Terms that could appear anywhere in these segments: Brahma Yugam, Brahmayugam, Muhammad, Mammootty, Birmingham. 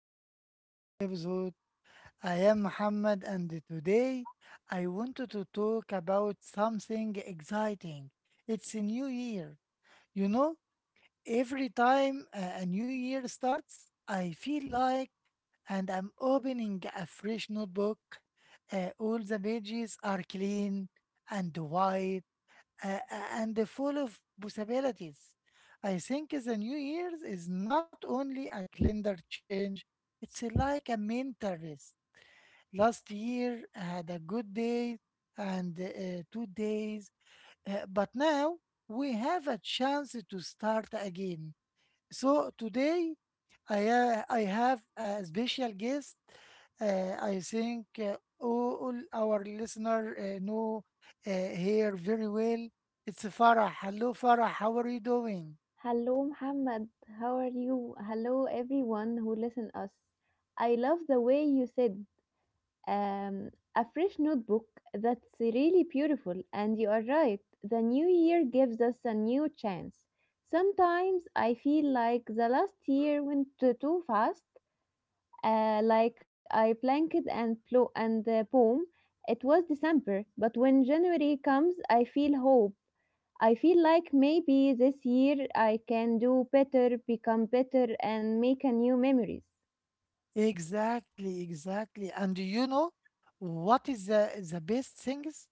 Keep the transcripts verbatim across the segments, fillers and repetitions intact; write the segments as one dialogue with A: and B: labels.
A: to our new episode. I am Muhammad, and today I wanted to talk about something exciting. It's a new year. You know, every time a a new year starts, I feel like and I'm opening a fresh notebook. Uh, all the pages are clean and white, uh, and full of possibilities. I think the New Year's is not only a calendar change, it's like a mental rest. Last year I had a good day and uh, two days, uh, but now we have a chance to start again. So today I ha- I have a special guest. Uh, I think uh, all all our listener uh, know uh, here very well. It's Farah. Hello, Farah. How are you doing?
B: Hello Muhammad, how are you? Hello everyone who listen us. I love the way you said um, a fresh notebook. That's really beautiful, and you are right. The new year gives us a new chance. Sometimes I feel like the last year went too, too fast. Uh, like I blanked and plo and uh, boom, it was December. But when January comes, I feel hope. I feel like maybe this year I can do better, become better, and make a new memories.
A: Exactly, exactly. And do you know what is the, the best thing is?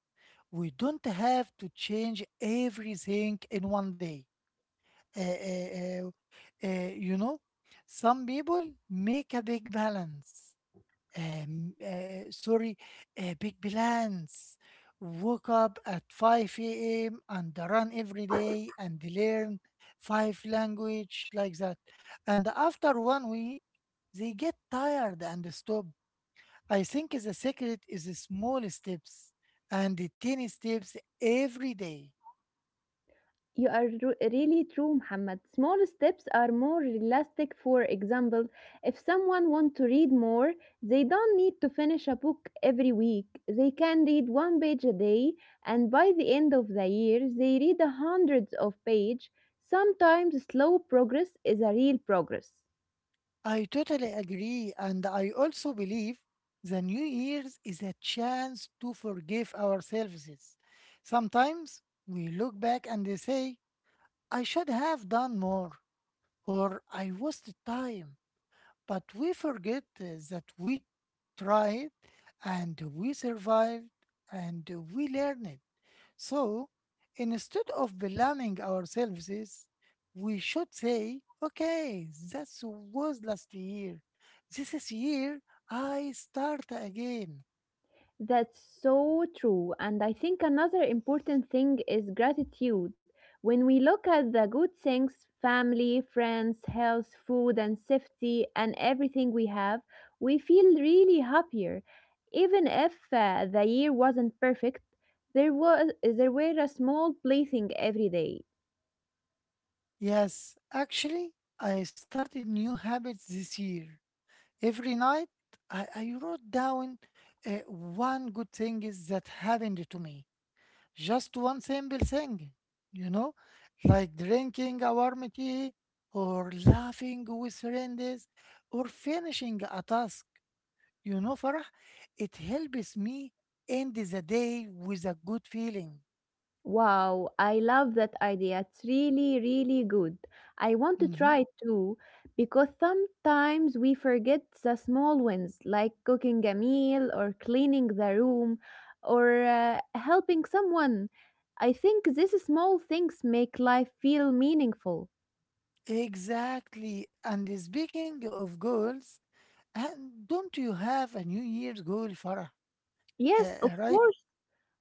A: We don't have to change everything in one day. Uh, uh, uh, uh, you know, some people make a big balance. Um, uh, sorry, a big balance. Woke up at five a m and run every day and learn five language like that. And after one week, they get tired and stop. I think the secret is the small steps and the tiny steps every day.
B: You are ru- really true, Muhammad. Small steps are more realistic. For example, if someone wants to read more, they don't need to finish a book every week. They can read one page a day, and by the end of the year, they read a hundreds of pages. Sometimes slow progress is a real progress.
A: I totally agree, and I also believe the New Year's is a chance to forgive ourselves. Sometimes we look back and they say, I should have done more, or I wasted time. But we forget uh, that we tried and we survived and we learned. So instead of blaming ourselves, we should say, okay, that was last year. This is year I start again.
B: That's so true. And I think another important thing is gratitude. When we look at the good things family, friends, health, food, and safety, and everything we have, we feel really happier. Even if uh, the year wasn't perfect, there, was, there were a small blessing every day.
A: Yes, actually, I started new habits this year. Every night, I, I wrote down uh, one good thing is that happened to me. Just one simple thing, you know, like drinking a warm tea or laughing with friends or finishing a task. You know, Farah, it helps me end the day with a good feeling.
B: Wow, I love that idea. It's really, really good. I want to try
A: Mhm.
B: it too, because sometimes we forget the small wins like cooking a meal or cleaning the room or uh, helping someone. I think these small things make life feel meaningful.
A: Exactly. And speaking of goals, and don't you have a New Year's goal, Farah? Uh,
B: Yes, of
A: uh, right?
B: course.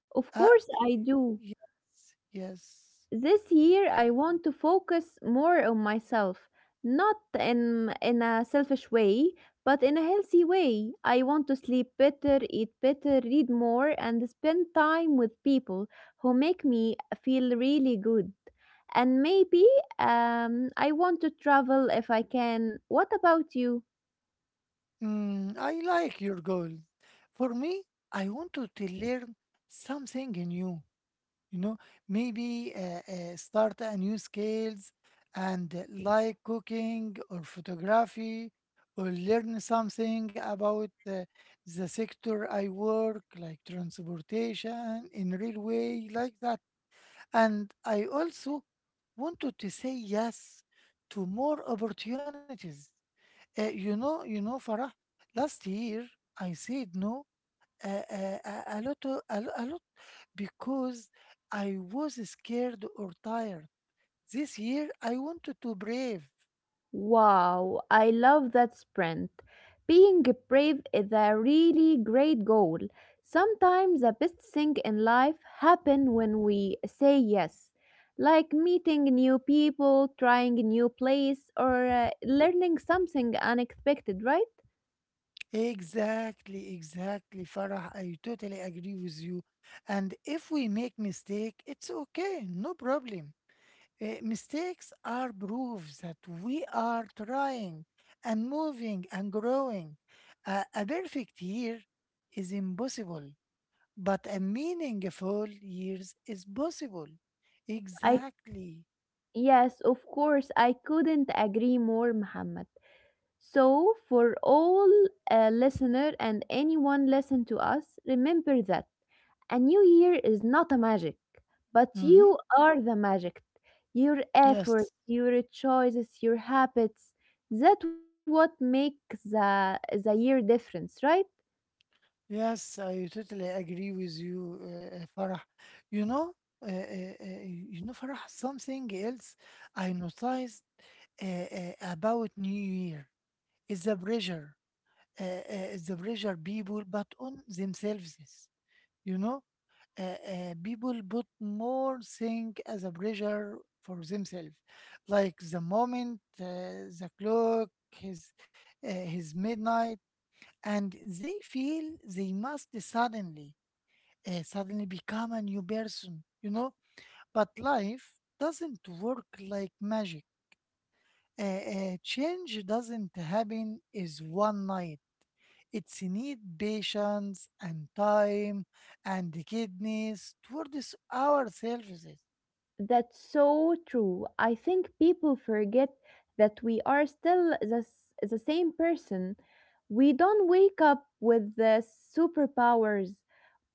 B: Of
A: Uh,
B: course, I do.
A: yes, yes.
B: This year I want to focus more on myself, not in in a selfish way, but in a healthy way. I want to sleep better, eat better, read more and spend time with people who make me feel really good. And maybe um, I want to travel if I can. What about you?
A: Mm, I like your goal. For me, I wanted to to learn something new. You know, maybe uh, uh, start a new skills and uh, like cooking or photography, or learn something about uh, the sector I work, like transportation in railway, like that. And I also wanted to say yes to more opportunities. Uh, you know, you know, Farah, last year I said no uh, uh, a, a lot, o- a, lo- a lot because I was scared or tired. This year I wanted to brave.
B: Wow, I love that sprint! Being brave is a really great goal. Sometimes the best thing in life happen when we say yes, like meeting new people, trying a new place, or uh, learning something unexpected, right?
A: Exactly, exactly, Farah. I totally agree with you. And if we make mistake, it's okay, no problem. Uh, mistakes are proof that we are trying and moving and growing. a a perfect year is impossible but a meaningful years is possible.
B: I
A: Exactly.
B: yes, of course, I couldn't agree more, Muhammad. So, for all uh, listener and anyone listen to us, remember that a new year is not a magic, but
A: Mm-hmm.
B: you are the magic. Your effort,
A: Yes.
B: your choices, your habits. That what makes the the year difference, right?
A: Yes, I totally agree with you, uh, uh, Farah. You know, uh, uh, uh, you know, Farah, something else I noticed uh, uh, about New Year is the pressure, uh, uh, the pressure people put on themselves. You know, uh, uh, people put more thing as a pressure for themselves like the moment uh, the clock his uh, his midnight and they feel they must suddenly uh, suddenly become a new person, you know, but life doesn't work like magic. Uh, uh, change doesn't happen is one night, it's need patience and time and the kidneys towards ourselves.
B: That's so true. I think people forget that we are still the, s- the same person. We don't wake up with the superpowers.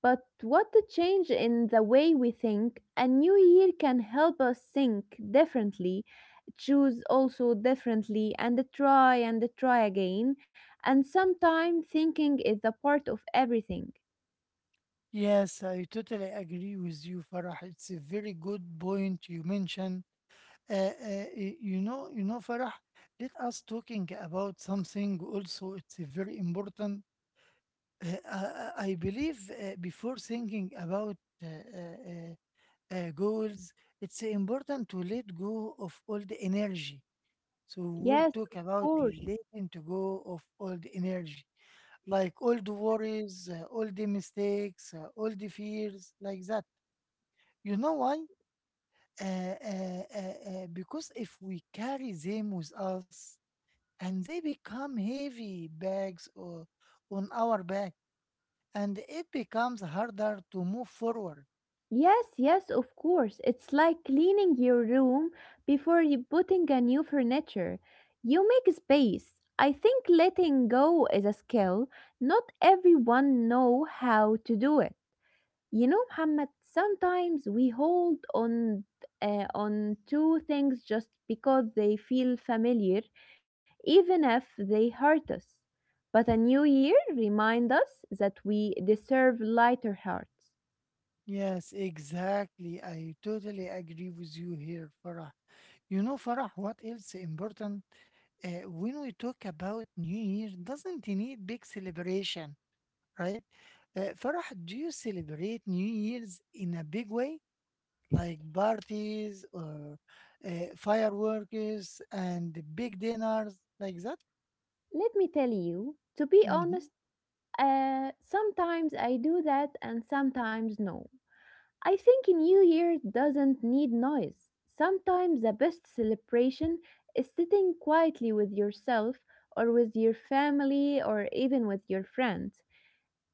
B: But what a change in the way we think. A new year can help us think differently, choose also differently, and try and try again. And sometimes thinking is a part of everything.
A: Yes, I totally agree with you, Farah. It's a very good point you mentioned. Uh, uh, y- you know, you know, Farah. Let us talking about something also. It's a very important. Uh, I, I I believe uh, before thinking about uh, uh, uh, uh, goals, it's important to let go of all the energy. So we'll
B: Yes,
A: talk
B: of
A: about
B: course.
A: letting to go of all the energy, like all the worries, uh, all the mistakes, uh, all the fears, like that. You know why? Uh, uh, uh, uh, because if we carry them with us and they become heavy bags or on our back and it becomes harder to move forward.
B: Yes, yes, of course. It's like cleaning your room before you putting a new furniture. You make space. I think letting go is a skill. Not everyone know how to do it. You know, Muhammad, sometimes we hold on uh, on to things just because they feel familiar, even if they hurt us. But a new year reminds us that we deserve lighter hearts.
A: Yes, exactly. I totally agree with you here, Farah. You know, Farah, what else important? Uh, when we talk about New Year, doesn't it need big celebration, right? Uh, Farah, do you celebrate New Year's in a big way? Like parties or uh, fireworks and big dinners like that.
B: Let me tell you, to be
A: Hmm.
B: honest, uh, sometimes I do that and sometimes no. I think a New Year doesn't need noise. Sometimes the best celebration is sitting quietly with yourself or with your family or even with your friends.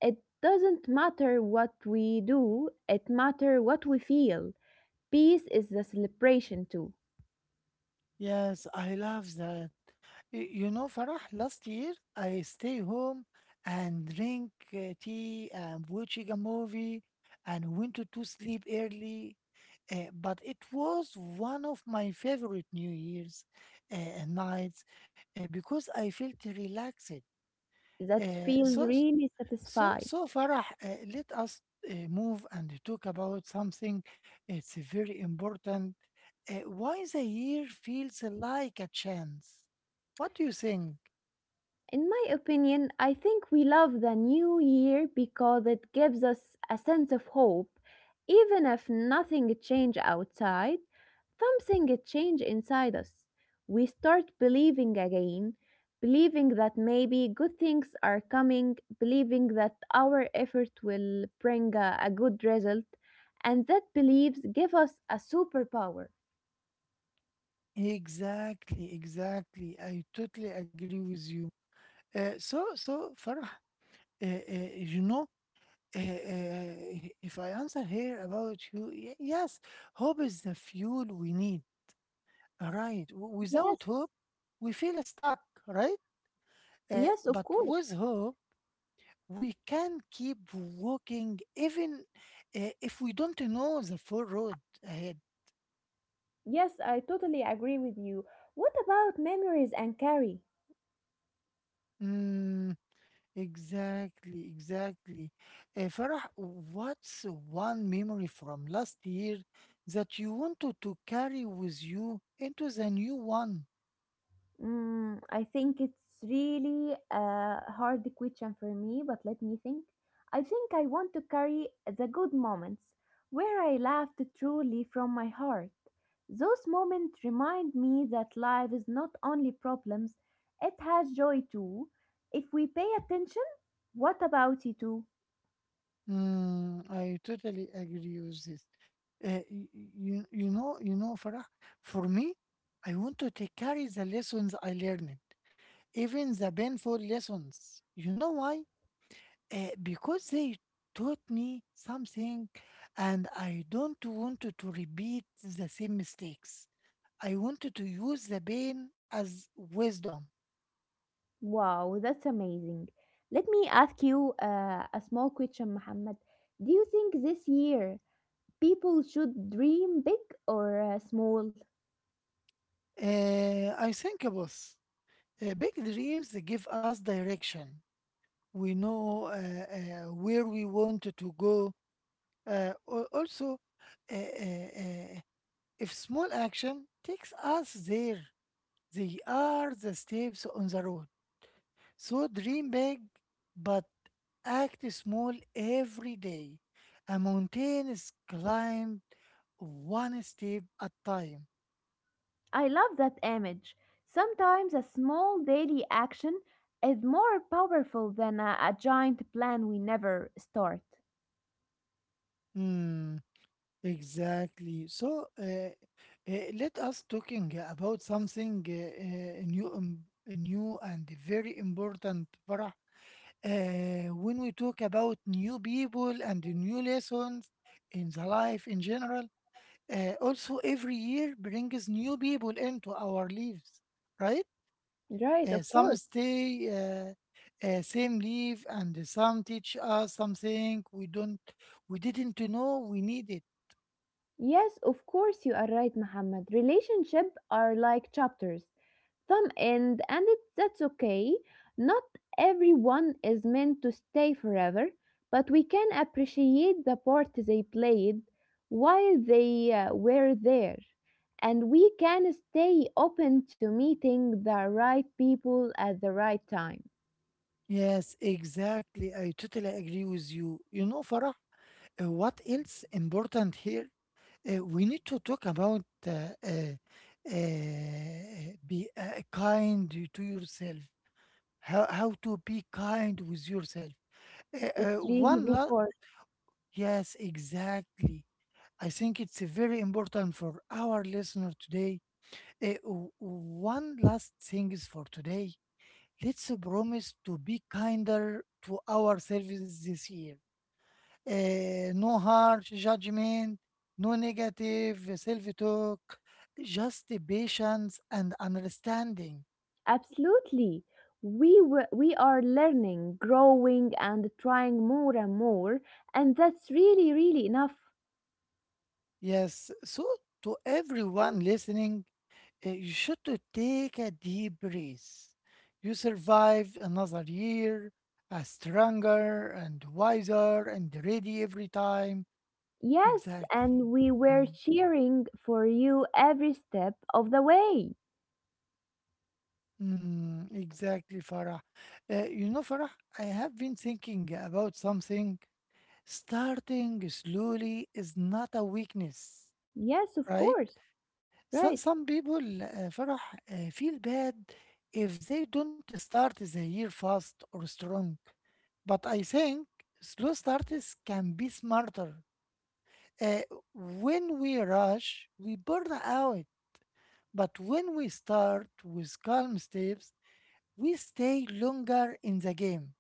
B: It doesn't matter what we do, it matters what we feel. Peace is the celebration too,
A: Yes, I love that. Y- You know, Farah, last year I stay home and drink uh, tea and watching a movie and went to to sleep early. Uh, but it was one of my favorite New Year's uh, nights uh, because I felt relaxed.
B: that
A: Uh,
B: feels
A: so
B: really
A: So,
B: satisfied.
A: so Farah, uh, let us uh, move and talk about something. It's very important. Uh, why the year feels like a chance? What do you think?
B: In my opinion, I think we love the new year because it gives us a sense of hope, even if nothing changed outside, something changes inside us. We start believing again, believing that maybe good things are coming, believing that our effort will bring a, a good result, and that beliefs give us a superpower.
A: Exactly, exactly. I totally agree with you. Uh, so, so Farah, uh, uh, you know, uh, uh, if I answer here about you, y- yes, hope is the fuel we need. Right. W-
B: Yes,
A: Without hope, we feel stuck. Right. Uh,
B: yes, of
A: but
B: course.
A: with hope, we can keep walking even uh, if we don't know the full road ahead.
B: Yes, I totally agree with you. What about memories and carry?
A: Mm, exactly, exactly. Uh, Farah, what's one memory from last year that you wanted to carry with you into the new one?
B: Mm, I think it's really a hard question for me, but let me think. I think I want to carry the good moments where I laughed truly from my heart. Those moments remind me that life is not only problems, it has joy too. If we pay attention, what about you too?
A: Mm, I totally agree with this. Uh, y- y- you, you know, you know, Farah, for me, I want to take carry the lessons I learned, even the painful lessons. You know why? Uh, because they taught me something and I don't want to to repeat the same mistakes. I wanted to use the pain as wisdom.
B: Wow, that's amazing. Let me ask you uh, a small question, Muhammad. Do you think this year people should dream big or uh, small.
A: Uh, I think, boss, uh, big dreams give us direction. We know uh, uh, where we want to go. Uh, al- also, uh, uh, uh, if small action takes us there, they are the steps on the road. So dream big, but act small every day. A mountain is climbed one step at time.
B: I love that image. Sometimes a small daily action is more powerful than a, a giant plan we never start.
A: Hmm, exactly. So uh, uh, let us talking about something uh, uh, new, um, new and very important, Farah. Uh, when we talk about new people and new lessons in the life in general. Uh, also, every year brings new people into our lives, right?
B: Right,
A: Uh,
B: of
A: some
B: course.
A: stay uh, uh, same leave, and some teach us something we don't, we didn't know we needed.
B: Yes, of course you are right, Muhammad. Relationships are like chapters. Some end and it, that's okay. Not everyone is meant to stay forever, but we can appreciate the part they played while they uh, were there, and we can stay open to meeting the right people at the right time.
A: Yes, exactly. I totally agree with you. You know, Farah, uh, what else important here? Uh, we need to talk about uh, uh, uh, be uh, kind to yourself. How how to be kind with yourself. Uh, uh,
B: It's really
A: one
B: good
A: la
B: for
A: Yes, exactly. I think it's very important for our listener today. Eh, w- one last thing is for today. Let's promise to be kinder to ourselves this year. Eh, no harsh judgment, no negative self talk, just patience and understanding.
B: absolutely. We w- we are learning growing and trying more and more, and that's really really enough.
A: Yes, so to everyone listening, Uh, you should to take a deep breath. You survived another year, a stronger and wiser and ready every time.
B: Yes,
A: Exactly.
B: and we were
A: Mm,
B: cheering for you every step of the way.
A: mm, exactly, Farah. Uh, you know, Farah, I have been thinking about something. Starting slowly is not a weakness,
B: Yes, of
A: right?
B: course. Right.
A: So, some people, uh, Farah, uh, feel bad if they don't start the year fast or strong. But I think slow starters can be smarter. Uh, when we rush, we burn out. But when we start with calm steps, we stay longer in the game.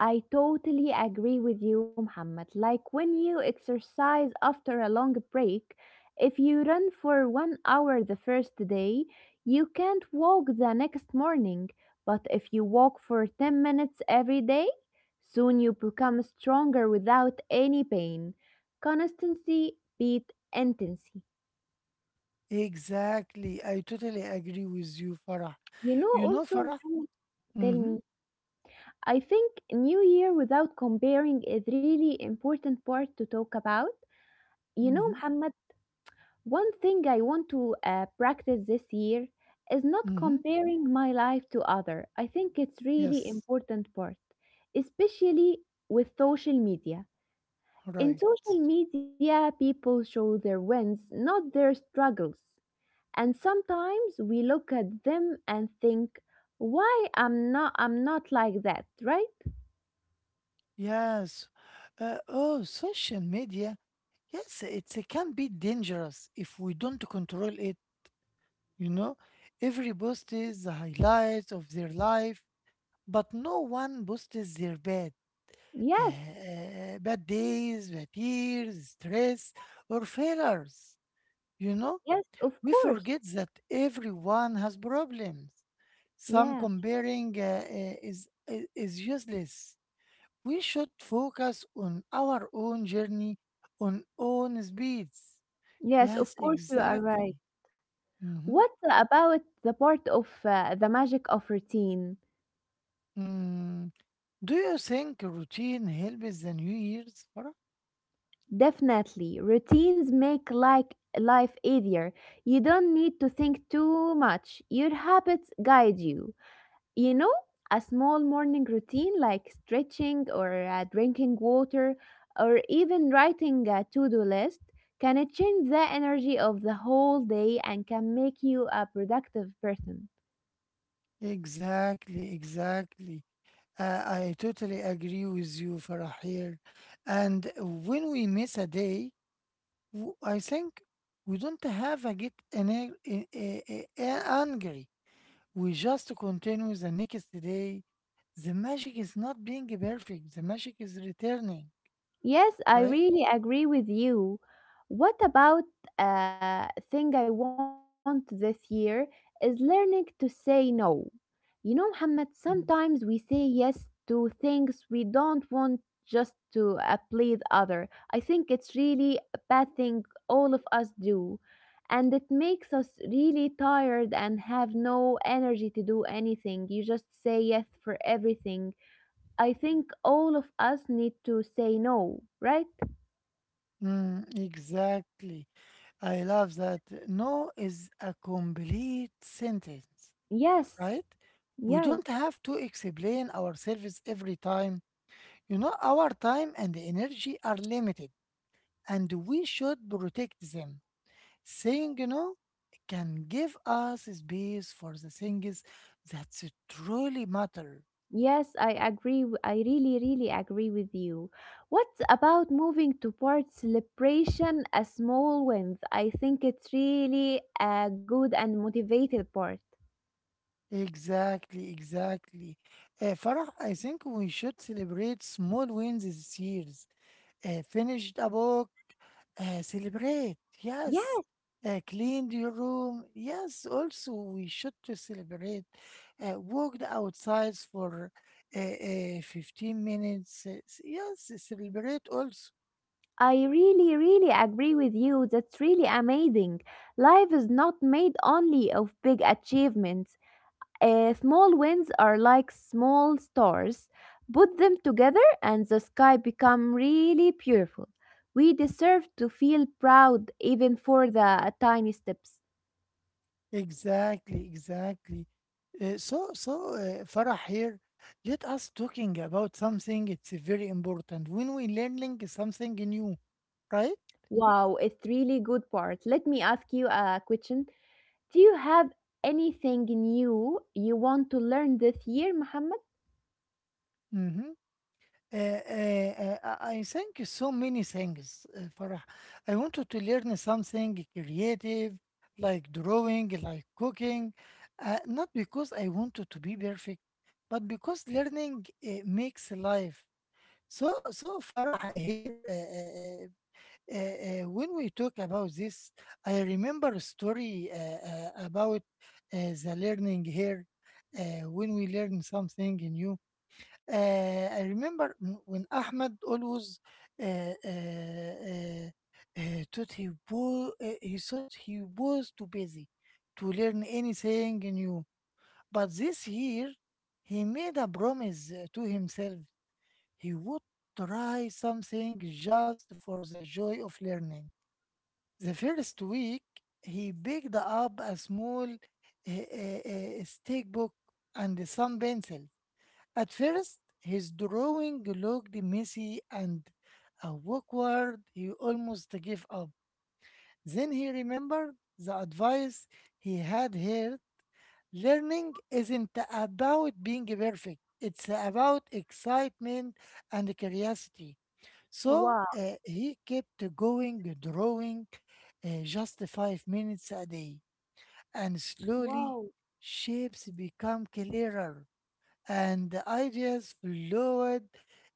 B: I totally agree with you, Muhammad. Like when you exercise after a long break, if you run for one hour the first day, you can't walk the next morning. But if you walk for ten minutes every day, soon you become stronger without any pain. Constancy beat intensity.
A: Exactly. I totally agree with you, Farah.
B: You know,
A: You know,
B: also,
A: Farah?
B: Mohammed, tell
A: Mm-hmm.
B: me, I think New Year without comparing is really important part to talk about. You know,
A: Mm-hmm.
B: Muhammad, one thing I want to uh, practice this year is not
A: Mm-hmm.
B: comparing my life to other. I think it's really
A: Yes.
B: important part, especially with social media. In
A: Right.
B: social media, people show their wins, not their struggles. And sometimes we look at them and think why i'm not i'm not like that, right?
A: Yes. Uh, oh, social media. Yes, it's, it can be dangerous if we don't control it. You know, every post is the highlights of their life, but no one posts their bad, uh,
B: Yes,
A: uh, bad days, bad years, stress, or failures. You know,
B: yes of
A: we
B: course.
A: forget that everyone has problems. Some
B: Yeah,
A: comparing uh, uh, is, is is useless. We should focus on our own journey, on own speeds.
B: yes
A: Yes,
B: of course you are
A: exactly.
B: right.
A: Mhm.
B: What about the part of uh, the magic of routine?
A: Mm. Do you think routine helps the New Year's, Farah?
B: Definitely, routines make like life easier. You don't need to think too much, your habits guide you. You know, a small morning routine like stretching or uh, drinking water or even writing a to do list can change the energy of the whole day and can make you a productive person.
A: Exactly, exactly. Uh, I totally agree with you, Farah, here. And when we miss a day, w- I think we don't have a get an, a, a, a, angry. We just continue the next day. The magic is not being perfect. The magic is returning,
B: Yes, I
A: right?
B: really agree with you. What about a thing I want this year is learning to say no. You know, Muhammad, sometimes
A: Mm.
B: we say yes to things we don't want just to uh, please other. I think it's really a bad thing all of us do. And it makes us really tired and have no energy to do anything. You just say yes for everything. I think all of us need to say no, right?
A: Mm, exactly. I love that. No is a complete sentence,
B: Yes,
A: right? We
B: yeah,
A: don't have to explain ourselves every time. You know, our time and energy are limited, and we should protect them. Saying no can give us space for the things that truly matter.
B: yes, I agree. w- I really, really agree with you. What about moving to part celebration as small wins? I think it's really a good and motivated part.
A: Exactly, exactly. Uh, Farah, I think we should celebrate small wins this year. Uh, finished a book, uh, celebrate, yes.
B: Yeah,
A: Uh, cleaned your room, yes. Also, we should to celebrate. Uh, walked outside for uh, uh, fifteen minutes, uh, yes. Celebrate also.
B: I really, really agree with you. That's really amazing. Life is not made only of big achievements. Uh, small winds are like small stars. Put them together and the sky become really beautiful. We deserve to feel proud even for the tiny steps.
A: Exactly, exactly. Uh, so, so uh, Farah here, let us talking about something. It's very important when we learning something new, right?
B: Wow, it's really good part. Let me ask you a question. Do you have anything new you want to learn this year, Muhammad?
A: Mm-hmm. Uh, uh, uh, I I think so many things, uh, Farah. I wanted to learn something creative, like drawing, like cooking, uh, not because I wanted to be perfect, but because learning uh, makes life. So, so Farah here. Uh, uh, uh, uh, uh, when we talk about this, I remember a story uh, uh, about uh, the learning here. Uh, when we learn something new, uh, I remember m- when Ahmed always uh, uh, uh, uh, thought he was uh, he thought he was too busy to learn anything new. But this year, he made a promise uh, to himself. He would try something just for the joy of learning. The first week, he picked up a small uh, uh, uh, stick book and some pencils. At first, his drawing looked messy and awkward. He almost gave up. Then he remembered the advice he had heard. Learning isn't about being perfect. It's about excitement and curiosity. So
B: Wow,
A: uh, he kept going, drawing uh, just five minutes a day, and slowly
B: wow.
A: shapes become clearer and the ideas flowed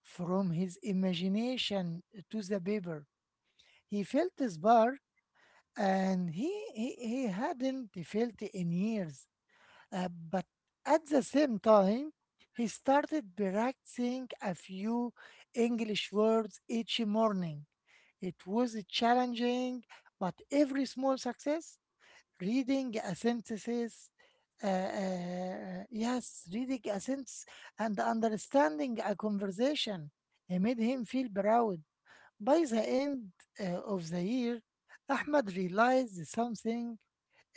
A: from his imagination to the paper. He felt a spark and he, he, he hadn't felt in years. Uh, but at the same time, he started practicing a few English words each morning. It was challenging, but every small success, reading a sentence, uh, uh, yes, reading a sentence and understanding a conversation, it made him feel proud. By the end uh, of the year, Ahmed realized something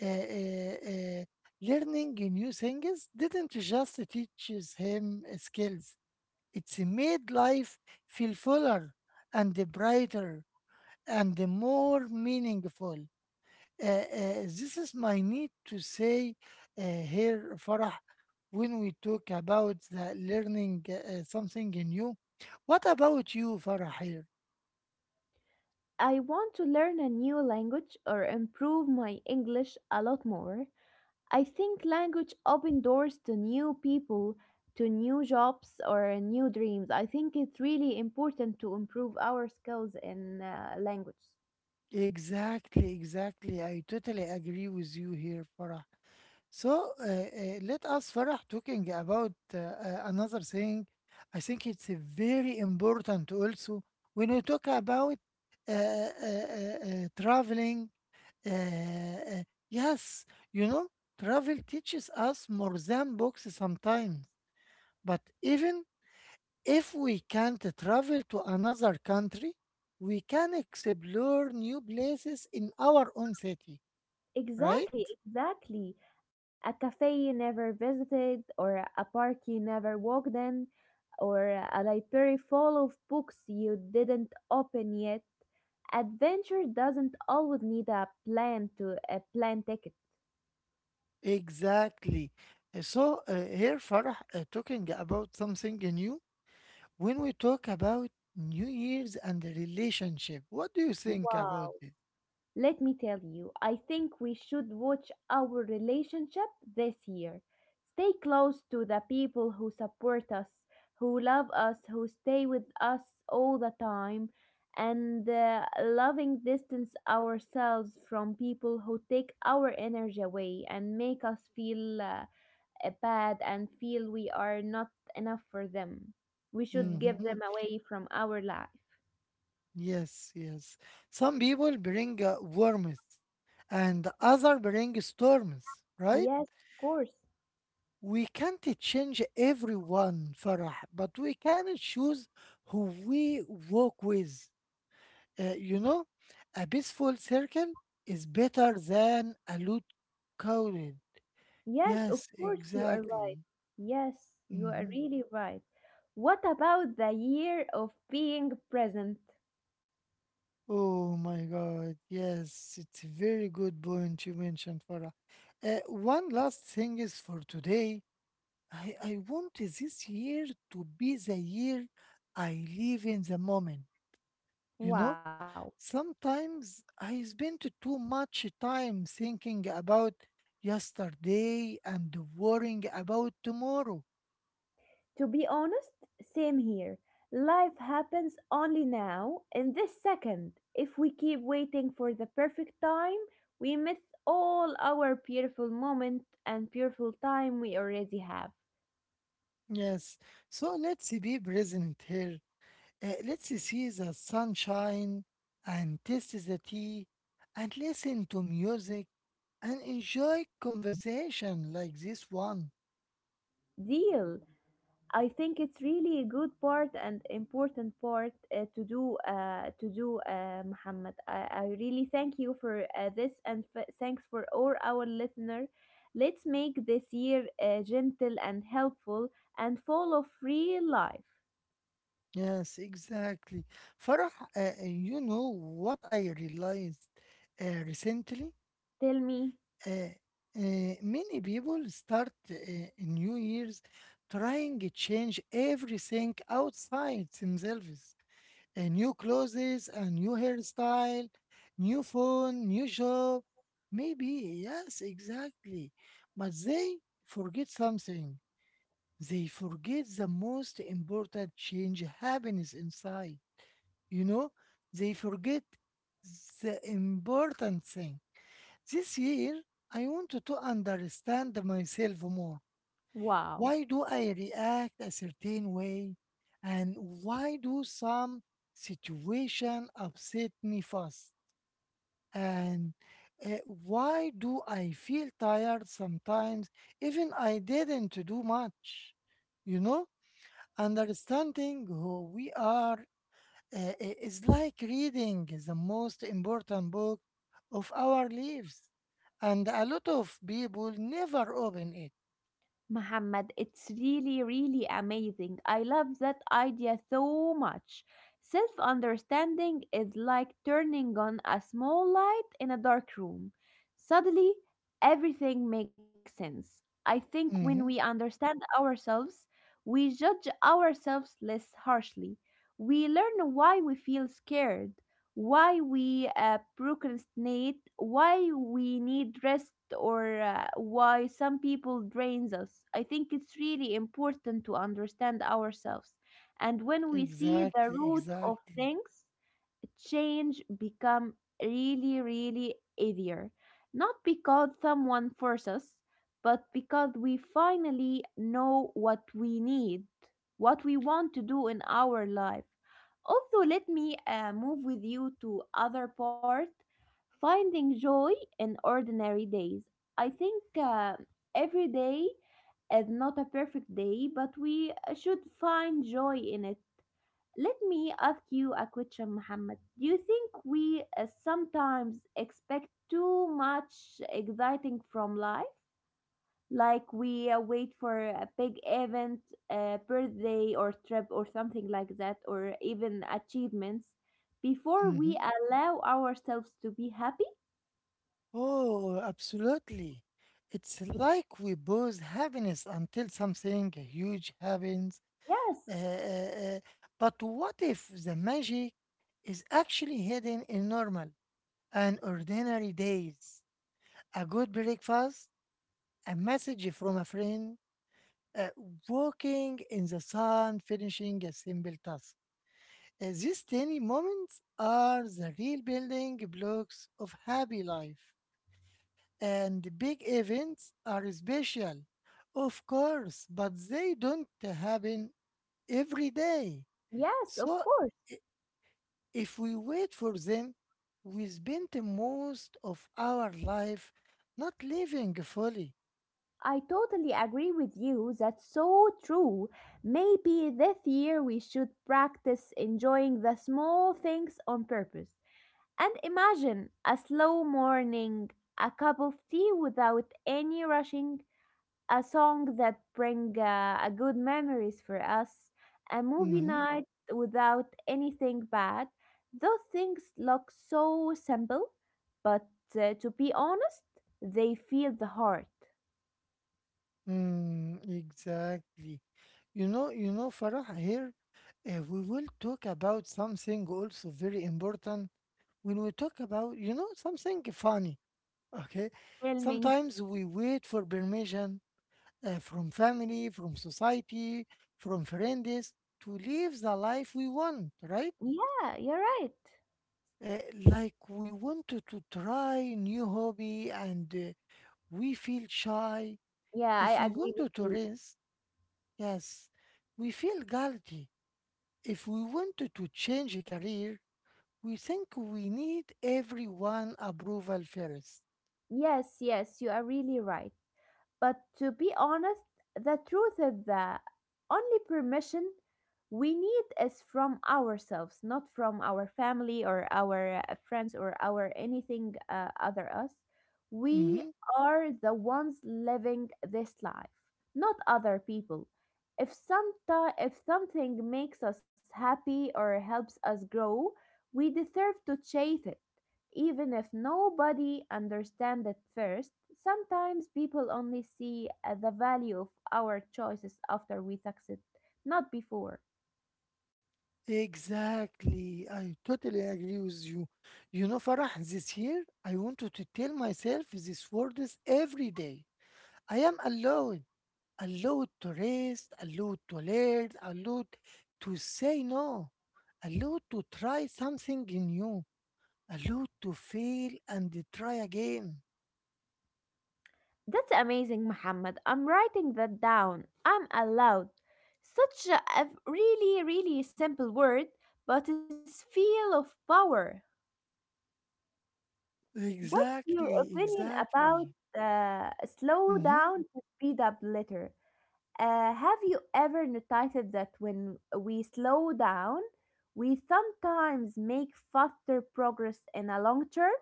A: uh, uh, uh, learning new things didn't just teaches him skills. It's made life feel fuller and brighter and more meaningful. Uh, uh, this is my need to say uh, here, Farah, when we talk about the learning uh, something new. What about you, Farah, here?
B: I want to learn a new language or improve my English a lot more. I think language open doors to new people, to new jobs or new dreams. I think it's really important to improve our skills in uh, language.
A: Exactly, exactly. I totally agree with you here, Farah. So uh, uh, let us, Farah, talking about uh, uh, another thing. I think it's uh, very important also when we talk about uh, uh, uh, uh, traveling. Uh, uh, yes, you know, travel teaches us more than books sometimes, but even if we can't travel to another country, we can explore new places in our own city, right?
B: Exactly, exactly. A cafe you never visited or a park you never walked in or a library full of books you didn't open yet. Adventure doesn't always need a plan to a plan ticket.
A: Exactly. Uh, So uh, here, Farah, uh, talking about something new. When we talk about New Year's and the relationship, what do you think about
B: Wow.
A: it?
B: Let me tell you, I think we should watch our relationship this year. Stay close to the people who support us, who love us, who stay with us all the time, and uh, loving distance ourselves from people who take our energy away and make us feel uh, uh, bad and feel we are not enough for them. We should give
A: Mm-hmm.
B: them away from our life.
A: Yes, yes. Some people bring uh, warmth, and other bring storms, right?
B: Yes, of course.
A: We can't change everyone, Farah, but we can choose who we walk with. Uh, you know, a peaceful circle is better than a loud crowd.
B: Yes, of
A: Yes,
B: course you are
A: exactly.
B: right. Yes, you are
A: Hmm.
B: really right. What about the year of being present?
A: Oh my God. Yes, it's a very good point you mentioned, Farah. Uh, one last thing is for today. I, I want this year to be the year I live in the moment, you know?
B: Wow.
A: Sometimes I spend too much time thinking about yesterday and worrying about tomorrow.
B: To be honest, same here. Life happens only now, in this second. If we keep waiting for the perfect time, we miss all our beautiful moment and beautiful time we already have.
A: Yes, so let's be present here. Uh, let's see the sunshine and taste the tea and listen to music and enjoy conversation like this one.
B: Deal. I think it's really a good part and important part uh, to do uh, to do uh, Muhammad. I, I really thank you for uh, this and f- thanks for all our listener. Let's make this year uh, gentle and helpful and full of real life.
A: Yes, exactly. Farah, uh, uh, you know what I realized uh, recently?
B: Tell me,
A: uh, uh, Many people start uh, New Year's trying to change everything outside themselves. A new clothes, a new hairstyle, new phone, new job. Maybe, yes, exactly. But they forget something. They forget the most important change happens inside. You know, they forget the important thing this year, I wanted to understand myself more.
B: wow.
A: Why do I react a certain way? And why do some situation upset me fast? And uh, why do I feel tired sometimes even I didn't do much? You know, understanding who we are uh, i- is like reading the most important book of our lives, and a lot of people never open it.
B: Muhammad, it's really, really amazing. I love that idea so much. Self understanding is like turning on a small light in a dark room. Suddenly, everything makes sense. I think when we
A: Mhm.
B: understand ourselves, we judge ourselves less harshly. We learn why we feel scared, why we uh, procrastinate, why we need rest, or uh, why some people drains us. I think it's really important to understand ourselves. And when we see the
A: Exactly,
B: root of
A: exactly.
B: things, change become really, really easier. Not because someone forced us, but because we finally know what we need, what we want to do in our life. Also, let me uh, move with you to other part, finding joy in ordinary days. I think uh, every day is not a perfect day, but we uh, should find joy in it. Let me ask you a question, Muhammad. Do you think we uh, sometimes expect too much exciting from life? Like we uh, wait for a big event, a birthday or trip or something like that, or even achievements before we
A: Mhm.
B: allow ourselves to be happy?
A: Oh, absolutely. It's like we pause happiness until something huge happens.
B: Yes,
A: Uh, uh, uh, but what if the magic is actually hidden in normal and ordinary days? A good breakfast, a message from a friend, uh, walking in the sun, finishing a simple task. Uh, these tiny moments are the real building blocks of happy life. And big events are special, of course, but they don't happen every day.
B: yes, of
A: So
B: course.
A: i- if we wait for them, we spend the most of our life not living fully.
B: I totally agree with you. That's so true. Maybe this year we should practice enjoying the small things on purpose. And imagine a slow morning, a cup of tea without any rushing, a song that bring uh, a good memories for us, a movie
A: Mm-hmm.
B: night without anything bad. Those things look so simple, but uh, to be honest, they feel the heart.
A: Mm, exactly. You know, you know, Farah, here uh, we will talk about something also very important when we talk about, you know, something funny. Okay.
B: Tell me.
A: Sometimes we wait for permission uh, from family, from society, from friends to live the life we want, right?
B: Yeah, you're right.
A: Uh, like we wanted to try new hobby and uh, we feel shy.
B: Yeah,
A: If
B: I
A: we
B: agree with
A: wanted to
B: you.
A: rest, yes, we feel guilty. If we wanted to change a career, we think we need everyone approval first.
B: Yes, yes, you are really right. But to be honest, the truth is that only permission we need is from ourselves, not from our family or our uh, friends or our anything uh, other us. We
A: Hmm.
B: are the ones living this life, not other people. If some if something makes us happy or helps us grow, we deserve to chase it. Even if nobody understands at first, sometimes people only see uh, the value of our choices after we succeed, not before.
A: Exactly. I totally agree with you. You know, Farah, this year I wanted to tell myself these words every day. I am allowed, allowed to rest, allowed to learn, allowed to say no, allowed to try something new, allowed to fail and try again.
B: That's amazing, Muhammad. I'm writing that down. I'm allowed. Such a a really, really simple word, but it's feel of power. What's your
A: Exactly,
B: opinion
A: exactly.
B: about uh, slow
A: Hmm.
B: down to speed up later? Uh, have you ever noticed that when we slow down, we sometimes make faster progress in a long term?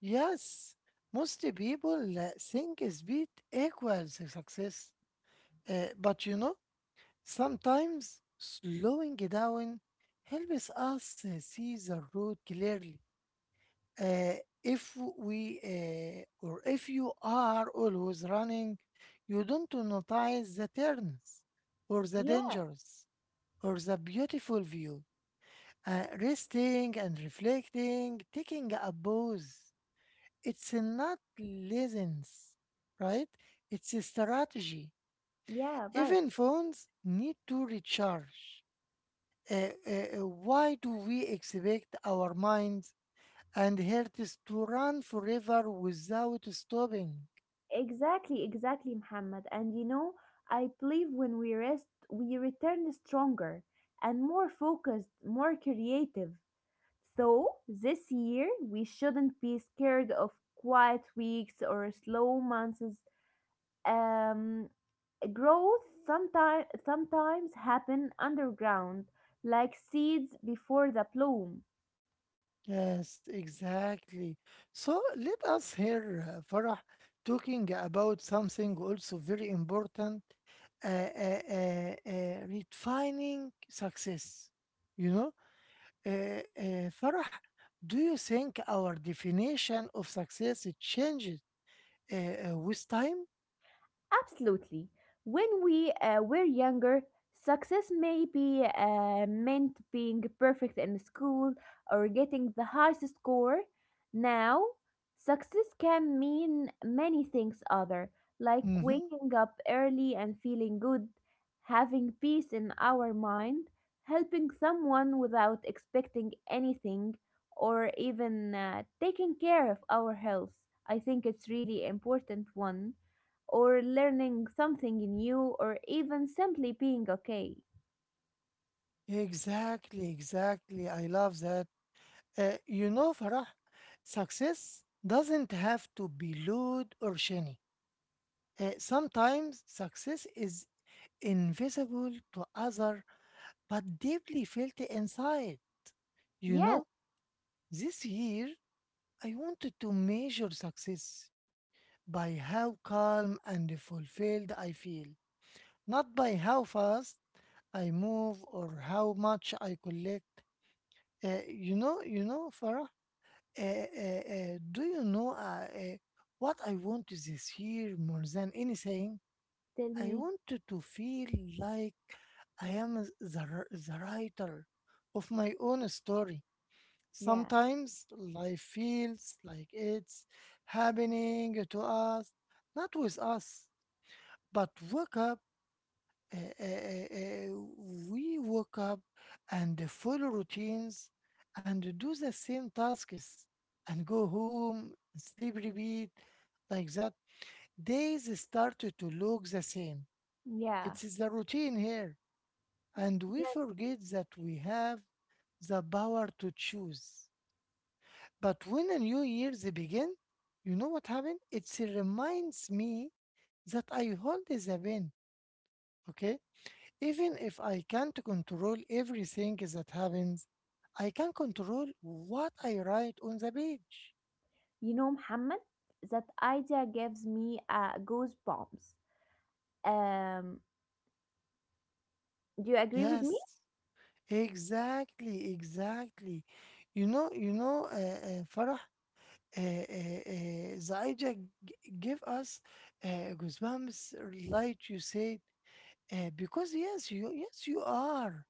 A: Yes, most people uh, think speed equals success. Uh, but you know, sometimes slowing down helps us uh, see the road clearly. Uh, if we uh, or if you are always running, you don't notice the turns or the
B: Yeah,
A: dangers or the beautiful view. Uh, resting and reflecting, taking a pause. It's not laziness, right? It's a strategy.
B: yeah, right.
A: Even phones need to recharge. Uh, uh, uh, why do we expect our minds and hearts to run forever without stopping?
B: Exactly, exactly, Muhammad. And you know, I believe when we rest, we return stronger and more focused, more creative. So, this year, we shouldn't be scared of quiet weeks or slow months. Um, growth sometimes sometimes happen underground, like seeds before the bloom.
A: Yes, exactly. So let us hear uh, Farah talking about something also very important, uh, uh, uh, uh, redefining success. You know, uh, uh, Farah, do you think our definition of success it changes uh, uh, with time?
B: Absolutely. When we uh, were younger, success may be uh, meant being perfect in school or getting the highest score. Now, success can mean many things other, like
A: Mm-hmm.
B: waking up early and feeling good, having peace in our mind, helping someone without expecting anything, or even uh, taking care of our health. I think it's really important one or learning something new or even simply being okay.
A: Exactly, exactly. I love that. Uh, you know, Farah, success doesn't have to be loud or shiny. Uh, sometimes success is invisible to others, but deeply felt inside. You
B: Yes,
A: know, this year I wanted to measure success by how calm and fulfilled I feel, not by how fast I move or how much I collect. Uh, you know, you know, Farah, uh, uh, uh, do you know uh, uh, what I want this year more than anything?
B: tell
A: I
B: me.
A: wanted to feel like I am the, r- the writer of my own story.
B: Yeah,
A: Sometimes life feels like it's happening to us, not with us, but woke up. Uh, uh, uh, uh, we woke up and follow routines and do the same tasks and go home, sleep, repeat, like that. Days started to look the same.
B: yeah,
A: It is the routine here and we
B: yes.
A: forget that we have the power to choose. But when a new year begins, you know what happened? It reminds me that I hold the pen, okay? Even if I can't control everything that happens, I can control what I write on the page.
B: You know, Muhammad, that idea gives me uh, goosebumps. Um, do you agree with me?
A: Yes, exactly, exactly. You know, you know, uh, uh, Farah, uh, uh, uh, the idea g- give us uh, goosebumps, like you said, uh, because yes, you yes you are.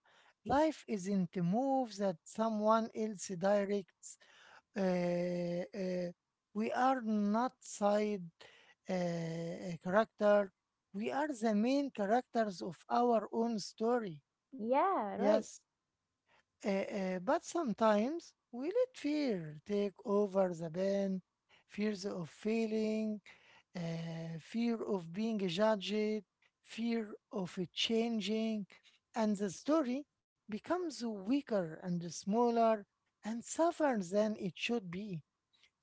A: Life isn't a move that someone else directs. Uh, uh, we are not side uh, character. We are the main characters of our own story.
B: Yeah, right.
A: Yes. Uh, uh, but sometimes we let fear take over the pain, fears of failing, uh, fear of being judged, fear of it changing, and the story becomes weaker and smaller and suffer than it should be.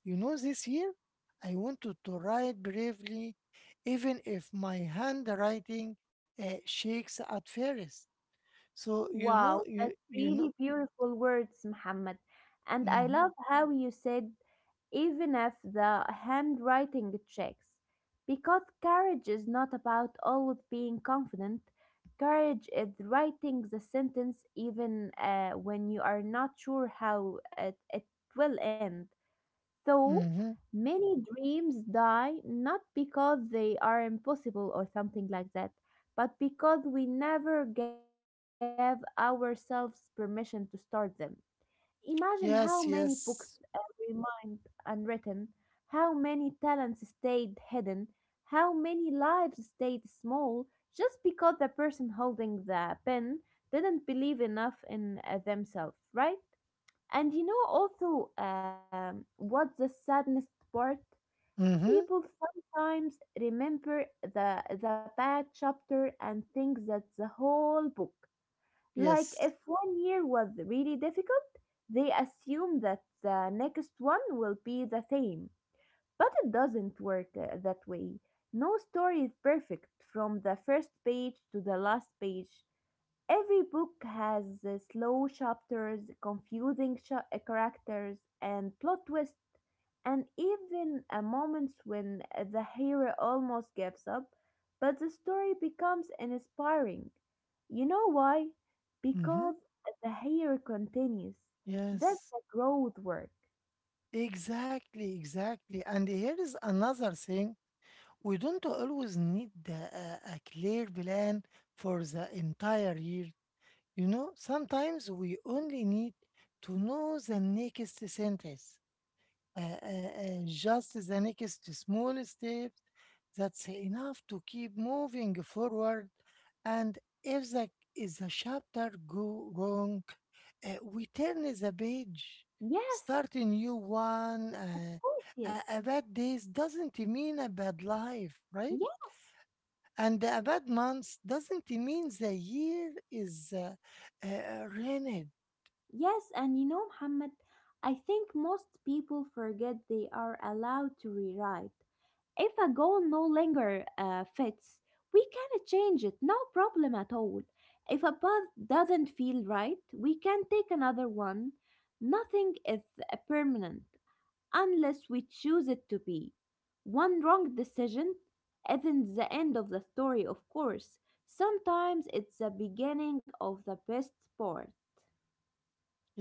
A: You know, this year I wanted to write bravely, even if my handwriting uh, shakes at first. So
B: Wow,
A: you know,
B: that's
A: you you
B: really
A: know.
B: beautiful words, Muhammad. And I love
A: Mhm.
B: how you said even if the handwriting checks. Because courage is not about always being confident. Courage is writing the sentence even uh, when you are not sure how it, it will end. So
A: Mm-hmm.
B: many dreams die not because they are impossible or something like that, but because we never gave ourselves permission to start them. Imagine how many books
A: Yes, yes.
B: remained unwritten, how many talents stayed hidden, how many lives stayed small just because the person holding the pen didn't believe enough in uh, themselves, right? And you know also, um, what's the saddest part?
A: Mm-hmm.
B: People sometimes remember the the bad chapter and think that the whole book. Like
A: Yes.
B: if one year was really difficult, they assume that the next one will be the same. But it doesn't work uh, that way. No story is perfect from the first page to the last page. Every book has uh, slow chapters, confusing cha- uh, characters, and plot twists, and even uh, moments when uh, the hero almost gives up, but the story becomes inspiring. You know why?
A: Mm-hmm.
B: Because the hero continues. That's
A: Yes.
B: the growth work.
A: Exactly, exactly. And here is another thing. We don't always need the, a, a clear plan for the entire year. You know, sometimes we only need to know the next sentence. Uh, uh, uh, just the next small steps, that's enough to keep moving forward, and if the if the chapter go wrong, uh, we turn the page,
B: Yes,
A: start a new one.
B: of
A: uh,
B: course, yes.
A: a, a bad days doesn't mean a bad life, right?
B: Yes,
A: And a bad month doesn't mean the year is uh, uh, ruined.
B: yes, and you know, Muhammad, I think most people forget they are allowed to rewrite. If a goal no longer uh, fits, we can change it, no problem at all. If a path doesn't feel right, we can take another one. Nothing is uh, permanent unless we choose it to be. One wrong decision isn't the end of the story, of course. Sometimes it's the beginning of the best part.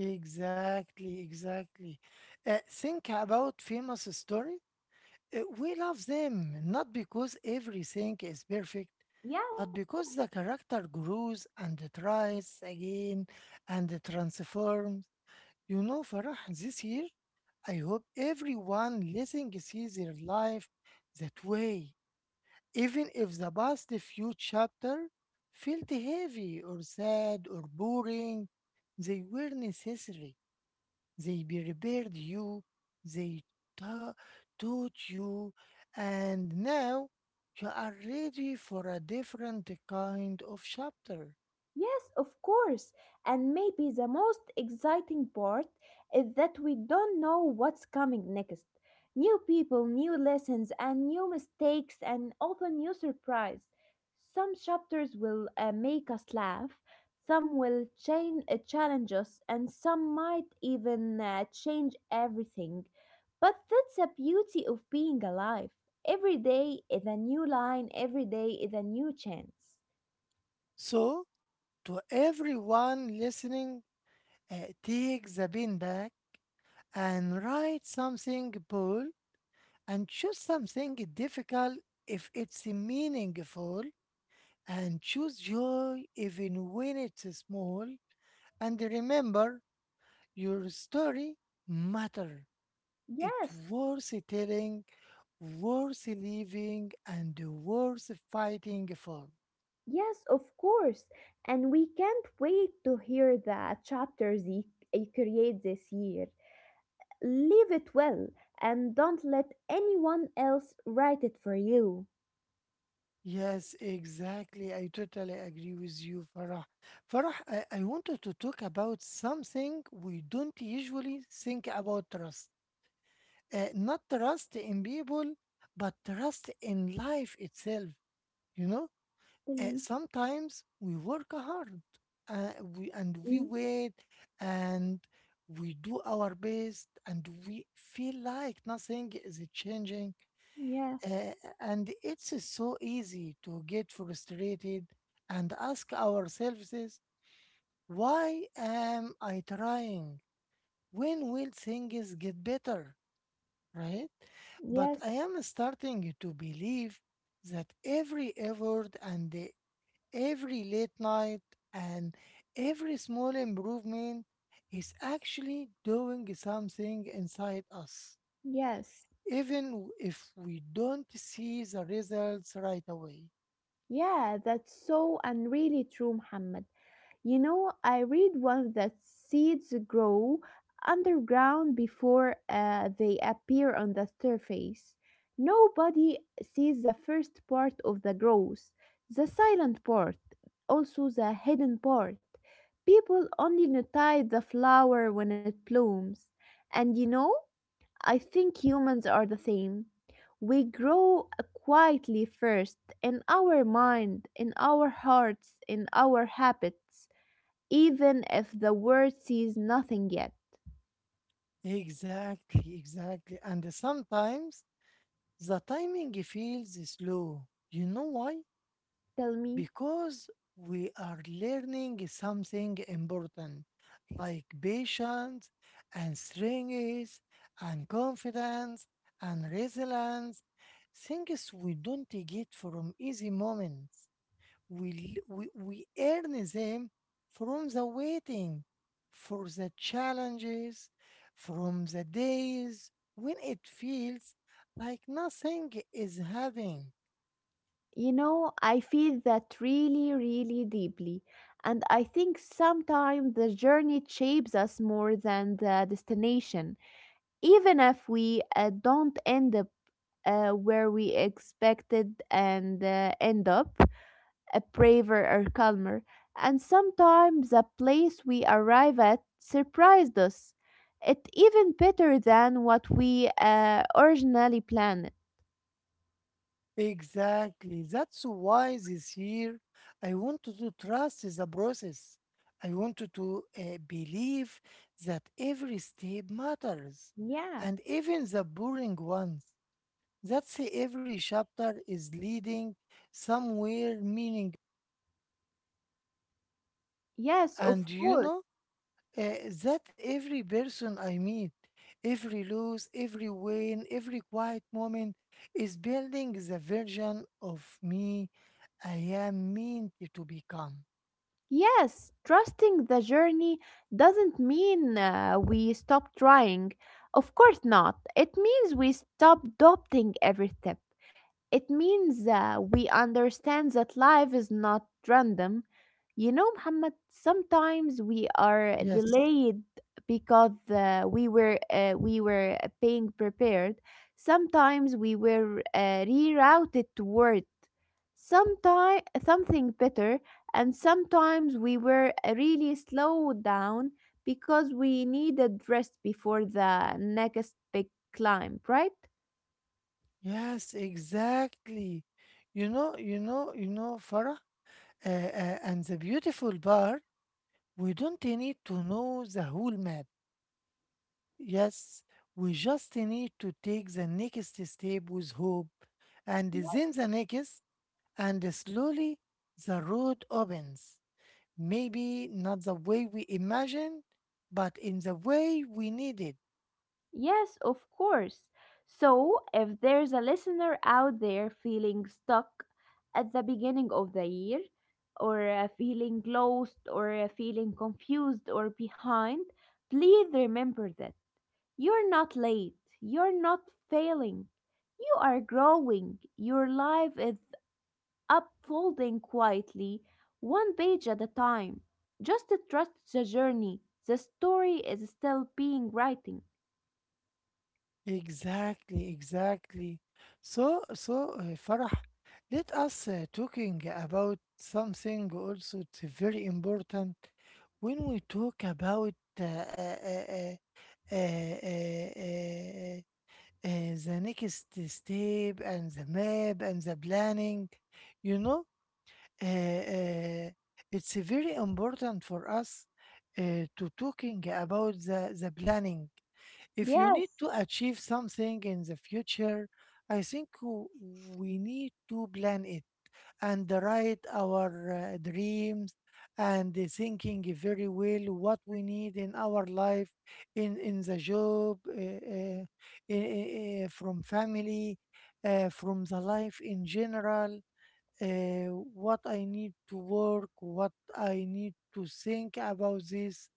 A: Exactly, exactly. Uh, think about famous stories. Uh, We love them not because everything is perfect,
B: Yes.
A: but because the character grows and tries again and transforms. You know, Farah, this year, I hope everyone listening sees their life that way, even if the past few chapters felt heavy or sad or boring, they were necessary, they prepared you, they ta- taught you, and now you are ready for a different kind of chapter.
B: Yes, of course. And maybe the most exciting part is that we don't know what's coming next. New people, new lessons, and new mistakes, and often new surprise. Some chapters will uh, make us laugh, some will chain, uh, challenge us, and some might even uh, change everything. But that's the beauty of being alive. Every day is a new line, every day is a new chance.
A: So, to everyone listening, uh, take the pen back and write something bold and choose something difficult if it's meaningful and choose joy even when it's small and remember your story matters, it
B: Yes,
A: worth telling, worth living, and worth fighting for.
B: yes, of course. And we can't wait to hear the chapters you you create this year. Leave it well and don't let anyone else write it for you.
A: Yes, exactly. I totally agree with you, Farah. Farah, I, I wanted to talk about something we don't usually think about trust. Uh, not trust in people, but trust in life itself. You know,
B: Tell
A: uh,
B: me.
A: sometimes we work hard, uh, we,
B: Mm,
A: and we wait and we do our best and we feel like nothing is changing.
B: yeah.
A: uh, and it's so easy to get frustrated and ask ourselves, why am I trying? When will things get better? Right? But
B: Yes.
A: I am starting to believe that every effort and every late night and every small improvement is actually doing something inside us,
B: Yes.
A: even if we don't see the results right away.
B: Yeah, that's so and really true, Muhammad. You know, I read once that seeds grow underground before uh, they appear on the surface. Nobody sees the first part of the growth, the silent part, also the hidden part. People only notice the flower when it blooms. And you know, I think humans are the same. We grow quietly first in our mind, in our hearts, in our habits even if the world sees nothing yet.
A: Exactly, exactly. And sometimes the timing feels slow. You know why?
B: Tell me.
A: Because we are learning something important, like patience and strength and confidence and resilience, things we don't get from easy moments. We, l- we, we earn them from the waiting, for the challenges, from the days when it feels like nothing is happening.
B: You know, I feel that really, really deeply. And I think sometimes the journey shapes us more than the destination, even if we uh, don't end up uh, where we expected and uh, end up. A braver or calmer, and sometimes the place we arrive at surprised us. It even better than what we uh, originally planned.
A: Exactly. That's why this year I wanted to trust the process. I wanted to uh, believe that every step matters,
B: Yeah.
A: and even the boring ones. That's every chapter is leading somewhere meaning.
B: Yes, of
A: And you
B: course.
A: know, uh, that every person I meet, every lose, every win, every quiet moment is building the version of me I am meant to become.
B: Yes, trusting the journey doesn't mean uh, we stop trying. Of course not. It means we stop doubting every step. It means uh, we understand that life is not random. You know, Muhammad, sometimes we are
A: Yes,
B: delayed because uh, we were uh, we were uh, being prepared. Sometimes we were uh, rerouted toward sometime something better, and sometimes we were uh, really slowed down because we needed rest before the next big climb, right?
A: yes, exactly. You know, you know, you know, Farah, uh, uh, and the beautiful part, we don't need to know the whole map. Yes, we just need to take the next step with hope, and then the next. And slowly the road opens. Maybe not the way we imagine, but in the way we need it.
B: Yes, of course. So, if there's a listener out there feeling stuck at the beginning of the year, or uh, feeling lost, or uh, feeling confused, or behind, please remember that you're not late, you're not failing, you are growing. Your life is unfolding quietly, one page at a time. Just trust the journey, the story is still being written.
A: Exactly, exactly. So, so uh, Farah, let us uh, talking about something also it's very important when we talk about uh, uh, uh, uh, uh, uh, uh, uh, the next step and the map and the planning, you know, uh, uh, it's very important for us uh, to talking about the, the planning. If you need
B: Yes.
A: to achieve something in the future, I think w- we need to plan it and write our uh, dreams and uh, thinking very well what we need in our life, in, in the job, uh, uh, i- i- i- from family, uh, from the life in general. uh, what I need to work, what I need to think about this,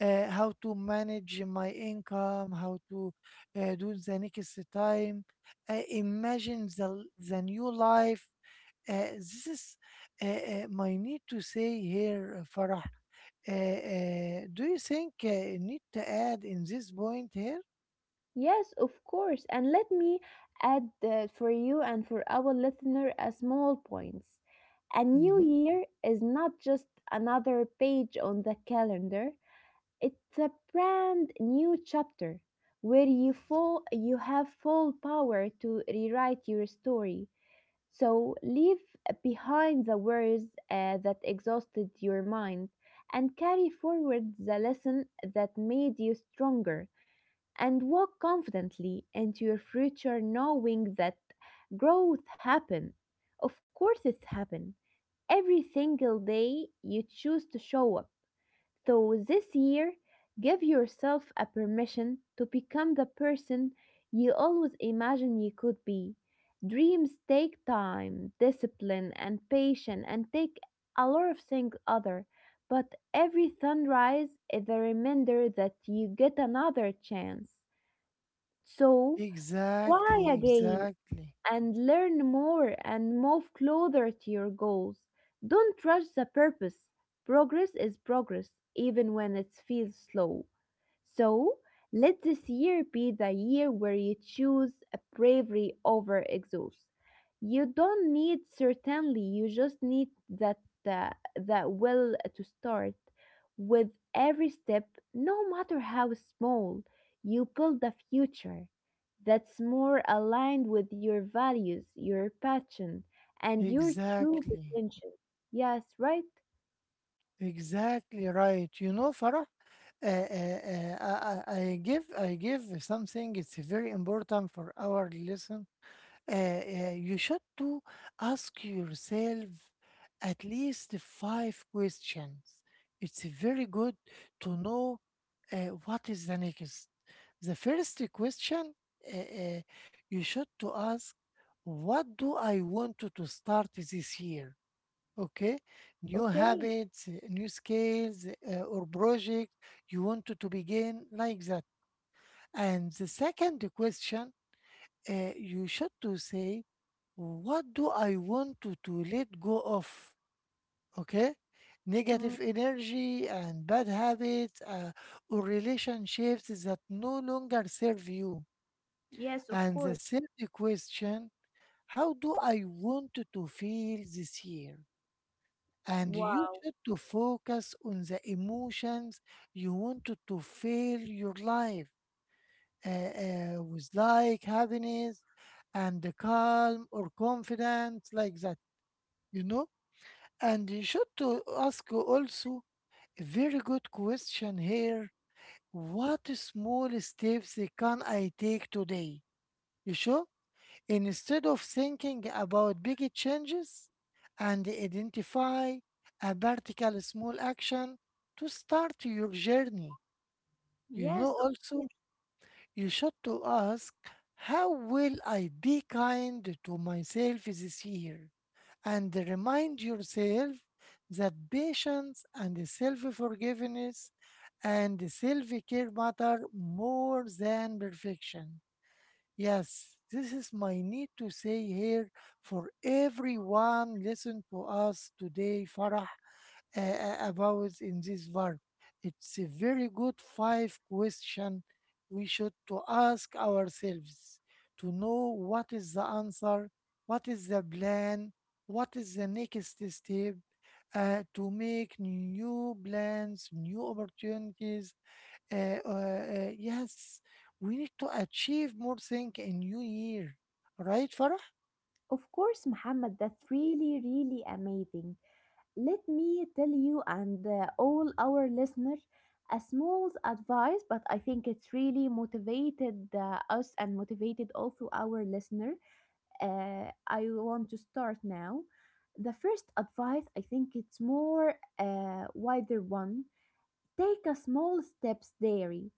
A: uh, how to manage my income, how to uh, do the next time. Uh, imagine the, the new life. Uh, this is uh, uh, my need to say here, uh, Farah. Uh, uh, do you think uh, you need to add in this point here?
B: Yes, of course. And let me add uh, for you and for our listener a small point. A new
A: Hmm.
B: year is not just another page on the calendar. It's a brand new chapter where you full you have full power to rewrite your story. So leave behind the worries uh, that exhausted your mind and carry forward the lesson that made you stronger and walk confidently into your future knowing that growth happen. Of course it's happen. Every single day you choose to show up. So this year, give yourself a permission to become the person you always imagined you could be. Dreams take time, discipline, and patience, and take a lot of things other. But every sunrise is a reminder that you get another chance. So try
A: Exactly,
B: again
A: exactly,
B: and learn more and move closer to your goals. Don't rush the purpose. Progress is progress, even when it feels slow. So let this year be the year where you choose a bravery over exhaust. You don't need certainly, you just need that uh, that will to start. With every step, no matter how small, you build a future that's more aligned with your values, your passion, and your true
A: exactly,
B: potential. Yes, right?
A: exactly right. You know, Farah. Uh, uh, uh, I, I I give I give something. It's very important for our lesson. Uh, uh, you should to ask yourself at least five questions. It's very good to know uh, what is the next. The first question uh, uh, you should to ask, what do I want to to start this year? Okay, new
B: Okay.
A: habits, uh, new skills, uh, or project you want to, to begin like that. And the second question, uh, you should to say, what do I want to, to let go of? Okay,
B: Mm,
A: negative energy and bad habits, uh, or relationships that no longer serve you.
B: yes, of
A: And
B: course.
A: the third question, how do I want to to feel this year? And you
B: Wow.
A: should to focus on the emotions you wanted to fill your life uh, uh, with, like happiness and the calm or confidence like that, you know. And you should to ask also a very good question here, what small steps can I take today? You sure? Instead of thinking about big changes and identify a particular small action to start your journey. You
B: Yes,
A: know,
B: of course.
A: also, you should to ask, how will I be kind to myself this year? And remind yourself that patience and self-forgiveness and self-care matter more than perfection. Yes, this is my need to say here for everyone listen to us today, Farah, uh, uh, about in this war. It's a very good five question we should to ask ourselves, to know what is the answer, what is the plan, what is the next step, uh, to make new plans, new opportunities, uh, uh, uh, yes, we need to achieve more thing in new year, right, Farah?
B: Of course, Muhammad, that's really, really amazing. Let me tell you and uh, all our listeners a small advice, but I think it's really motivated uh, us and motivated also our listener. Uh, I want to start now. The first advice, I think it's more uh, wider one. Take a small steps daily.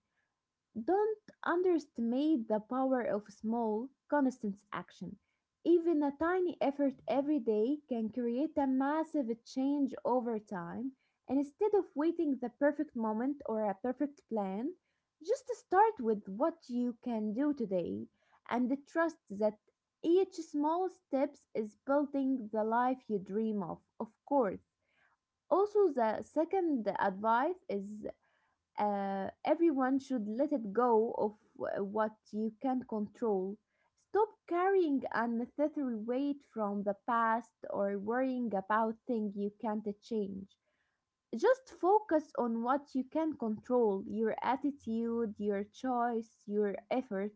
B: Don't underestimate the power of small, constant action. Even a tiny effort every day can create a massive change over time. And instead of waiting the perfect moment or a perfect plan, just start with what you can do today and trust that each small step is building the life you dream of. Of course. Also, the second advice is uh, everyone should let it go of w- what you can't control. Stop carrying unnecessary weight from the past or worrying about things you can't change. Just focus on what you can control your attitude, your choice, your effort.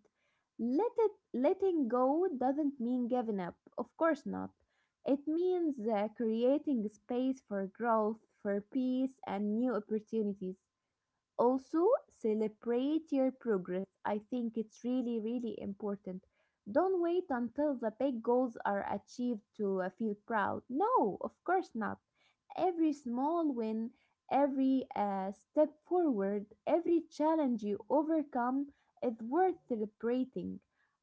B: Let it, letting go doesn't mean giving up, of course not. It means uh, creating space for growth, for peace, and new opportunities. Also, celebrate your progress. I think it's really, really important. Don't wait until the big goals are achieved to uh, feel proud. No, of course not. Every small win, every uh, step forward, every challenge you overcome is worth celebrating.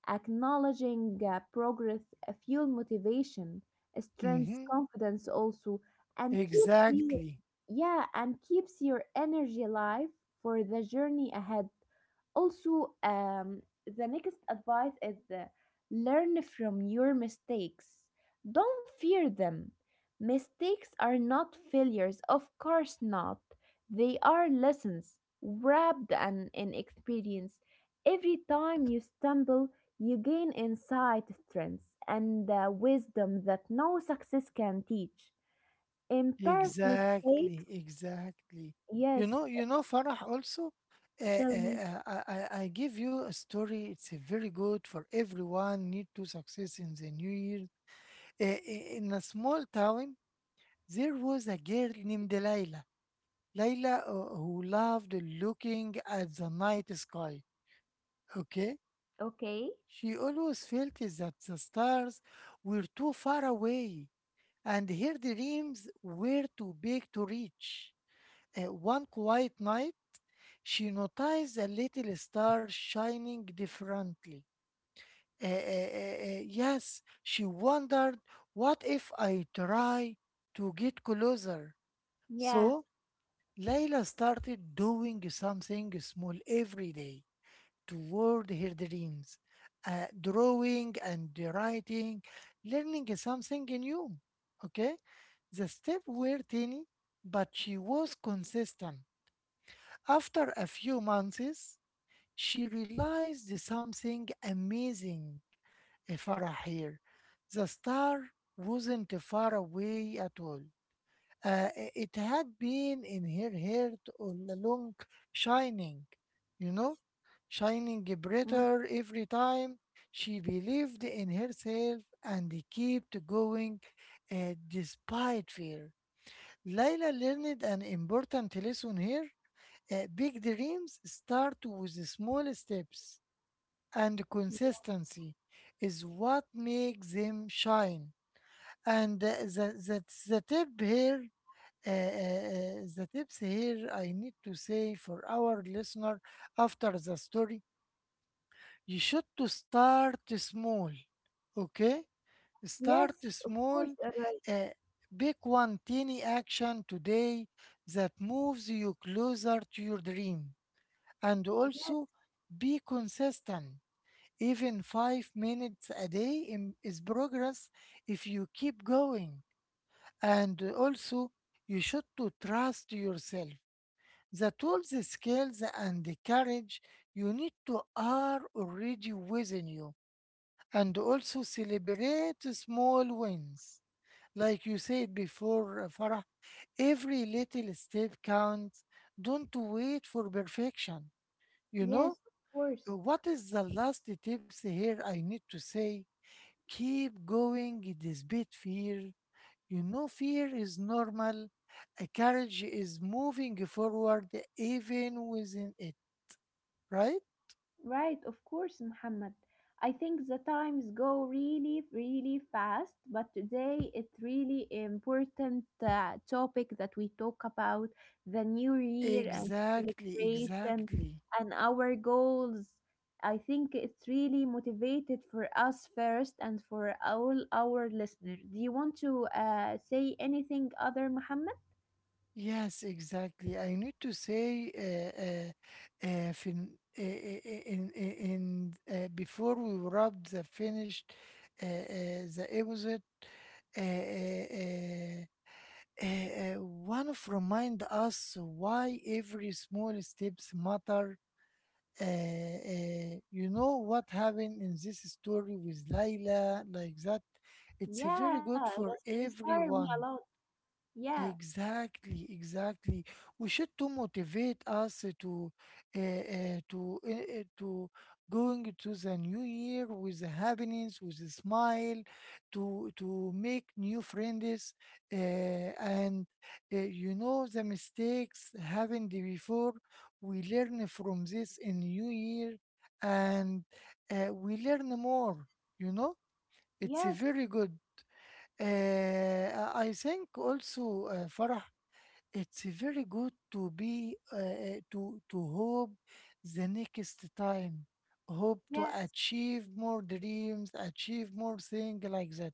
B: Acknowledging uh, progress uh, fuel motivation, strengths
A: Mm-hmm.
B: confidence also, and keep the,
A: Exactly,
B: yeah, and keeps your energy alive for the journey ahead. Also, um, the next advice is uh, learn from your mistakes. Don't fear them. Mistakes are not failures, of course not. They are lessons wrapped in, in experience. Every time you stumble, you gain insight strength and uh, wisdom that no success can teach. Embarrass mistakes.
A: exactly, exactly.
B: Yes,
A: You know, you know, Farah. Also, uh,
B: tell me.
A: uh, uh, I, I I give you a story. It's a very good for everyone. Need to success in the new year. Uh, i- in a small town, there was a girl named Layla. Layla, uh, who loved looking at the night sky. Okay.
B: Okay.
A: She always felt that the stars were too far away, and her dreams were too big to reach. Uh, one quiet night, she noticed a little star shining differently. Uh, uh, uh, uh, yes, she wondered, what if I try to get closer?
B: Yeah.
A: So, Layla started doing something small every day toward her dreams, uh, drawing and writing, learning something new. Okay? The steps were tiny, but she was consistent. After a few months, she realized something amazing, eh, Farah here. The star wasn't far away at all. Uh, it had been in her heart all along, shining, you know, shining
B: Mm.
A: brighter every time. She believed in herself and kept going uh, despite fear. Layla learned an important lesson here. Uh, big dreams start with small steps, and consistency is what makes them shine. And uh, the the the tip here, uh, uh, uh, the tips here I need to say for our listener after the story, you should to start small, okay?
B: Yes,
A: Start
B: of course, uh,
A: small, uh, pick one tiny action today that moves you closer to your dream, and
B: yes,
A: also be consistent. Even five minutes a day in- is progress if you keep going. And also, you should to trust yourself. The tools, the skills, and the courage you need to are already within you. And also celebrate small wins. Like you said before, uh, Farah, every little step counts. Don't wait for perfection. You
B: yes,
A: know,
B: of course.
A: Uh, what is the last tips here I need to say? Keep going despite fear, you know, fear is normal. A courage is moving forward even within it, right?
B: Right, of course, Muhammad. I think the times go really, really fast, but today it's really important uh, topic that we talk about the new year and
A: Exactly,
B: celebration
A: exactly.
B: and our goals. I think it's really motivated for us first and for all our listeners. Do you want to uh, say anything other, Muhammad?
A: Yes, exactly. I need to say uh, uh, uh, fin uh, uh, uh, in, in, in uh, before we wrap the finished uh, uh, the episode, uh, uh, uh, uh, uh, one of remind us why every small steps matter. Uh, uh, you know what happened in this story with Layla, like that? It's
B: Yeah,
A: very good
B: that's
A: for
B: inspired me a lot.
A: everyone.
B: Yeah,
A: Exactly, exactly. We should to motivate us to uh, uh, to uh, uh, to going to the new year with the happiness, with a smile, to to make new friends, uh, and uh, you know the mistakes happened before. We learn from this in new year, and uh, we learn more. You know, it's
B: yes,
A: a very good. Uh, I I think also, uh, Farah, it's very good to be uh, uh, to to hope the next time, hope to
B: yes.
A: achieve more dreams, achieve more thing like that.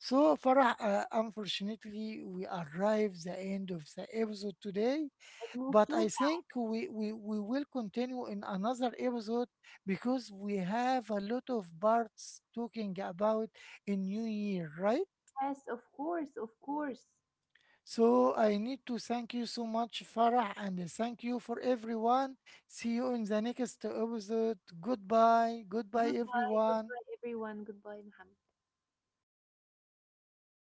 A: So Farah, uh, unfortunately, we arrive the end of the episode today,
B: It moved
A: but
B: too.
A: I think we, we we will continue in another episode because we have a lot of parts talking about a new year, right?
B: Yes, of course, of course.
A: So I need to thank you so much, Farah, and thank you for everyone. See you in the next episode. Goodbye. Goodbye,
B: Goodbye,
A: everyone.
B: goodbye, everyone. Goodbye, Muhammad.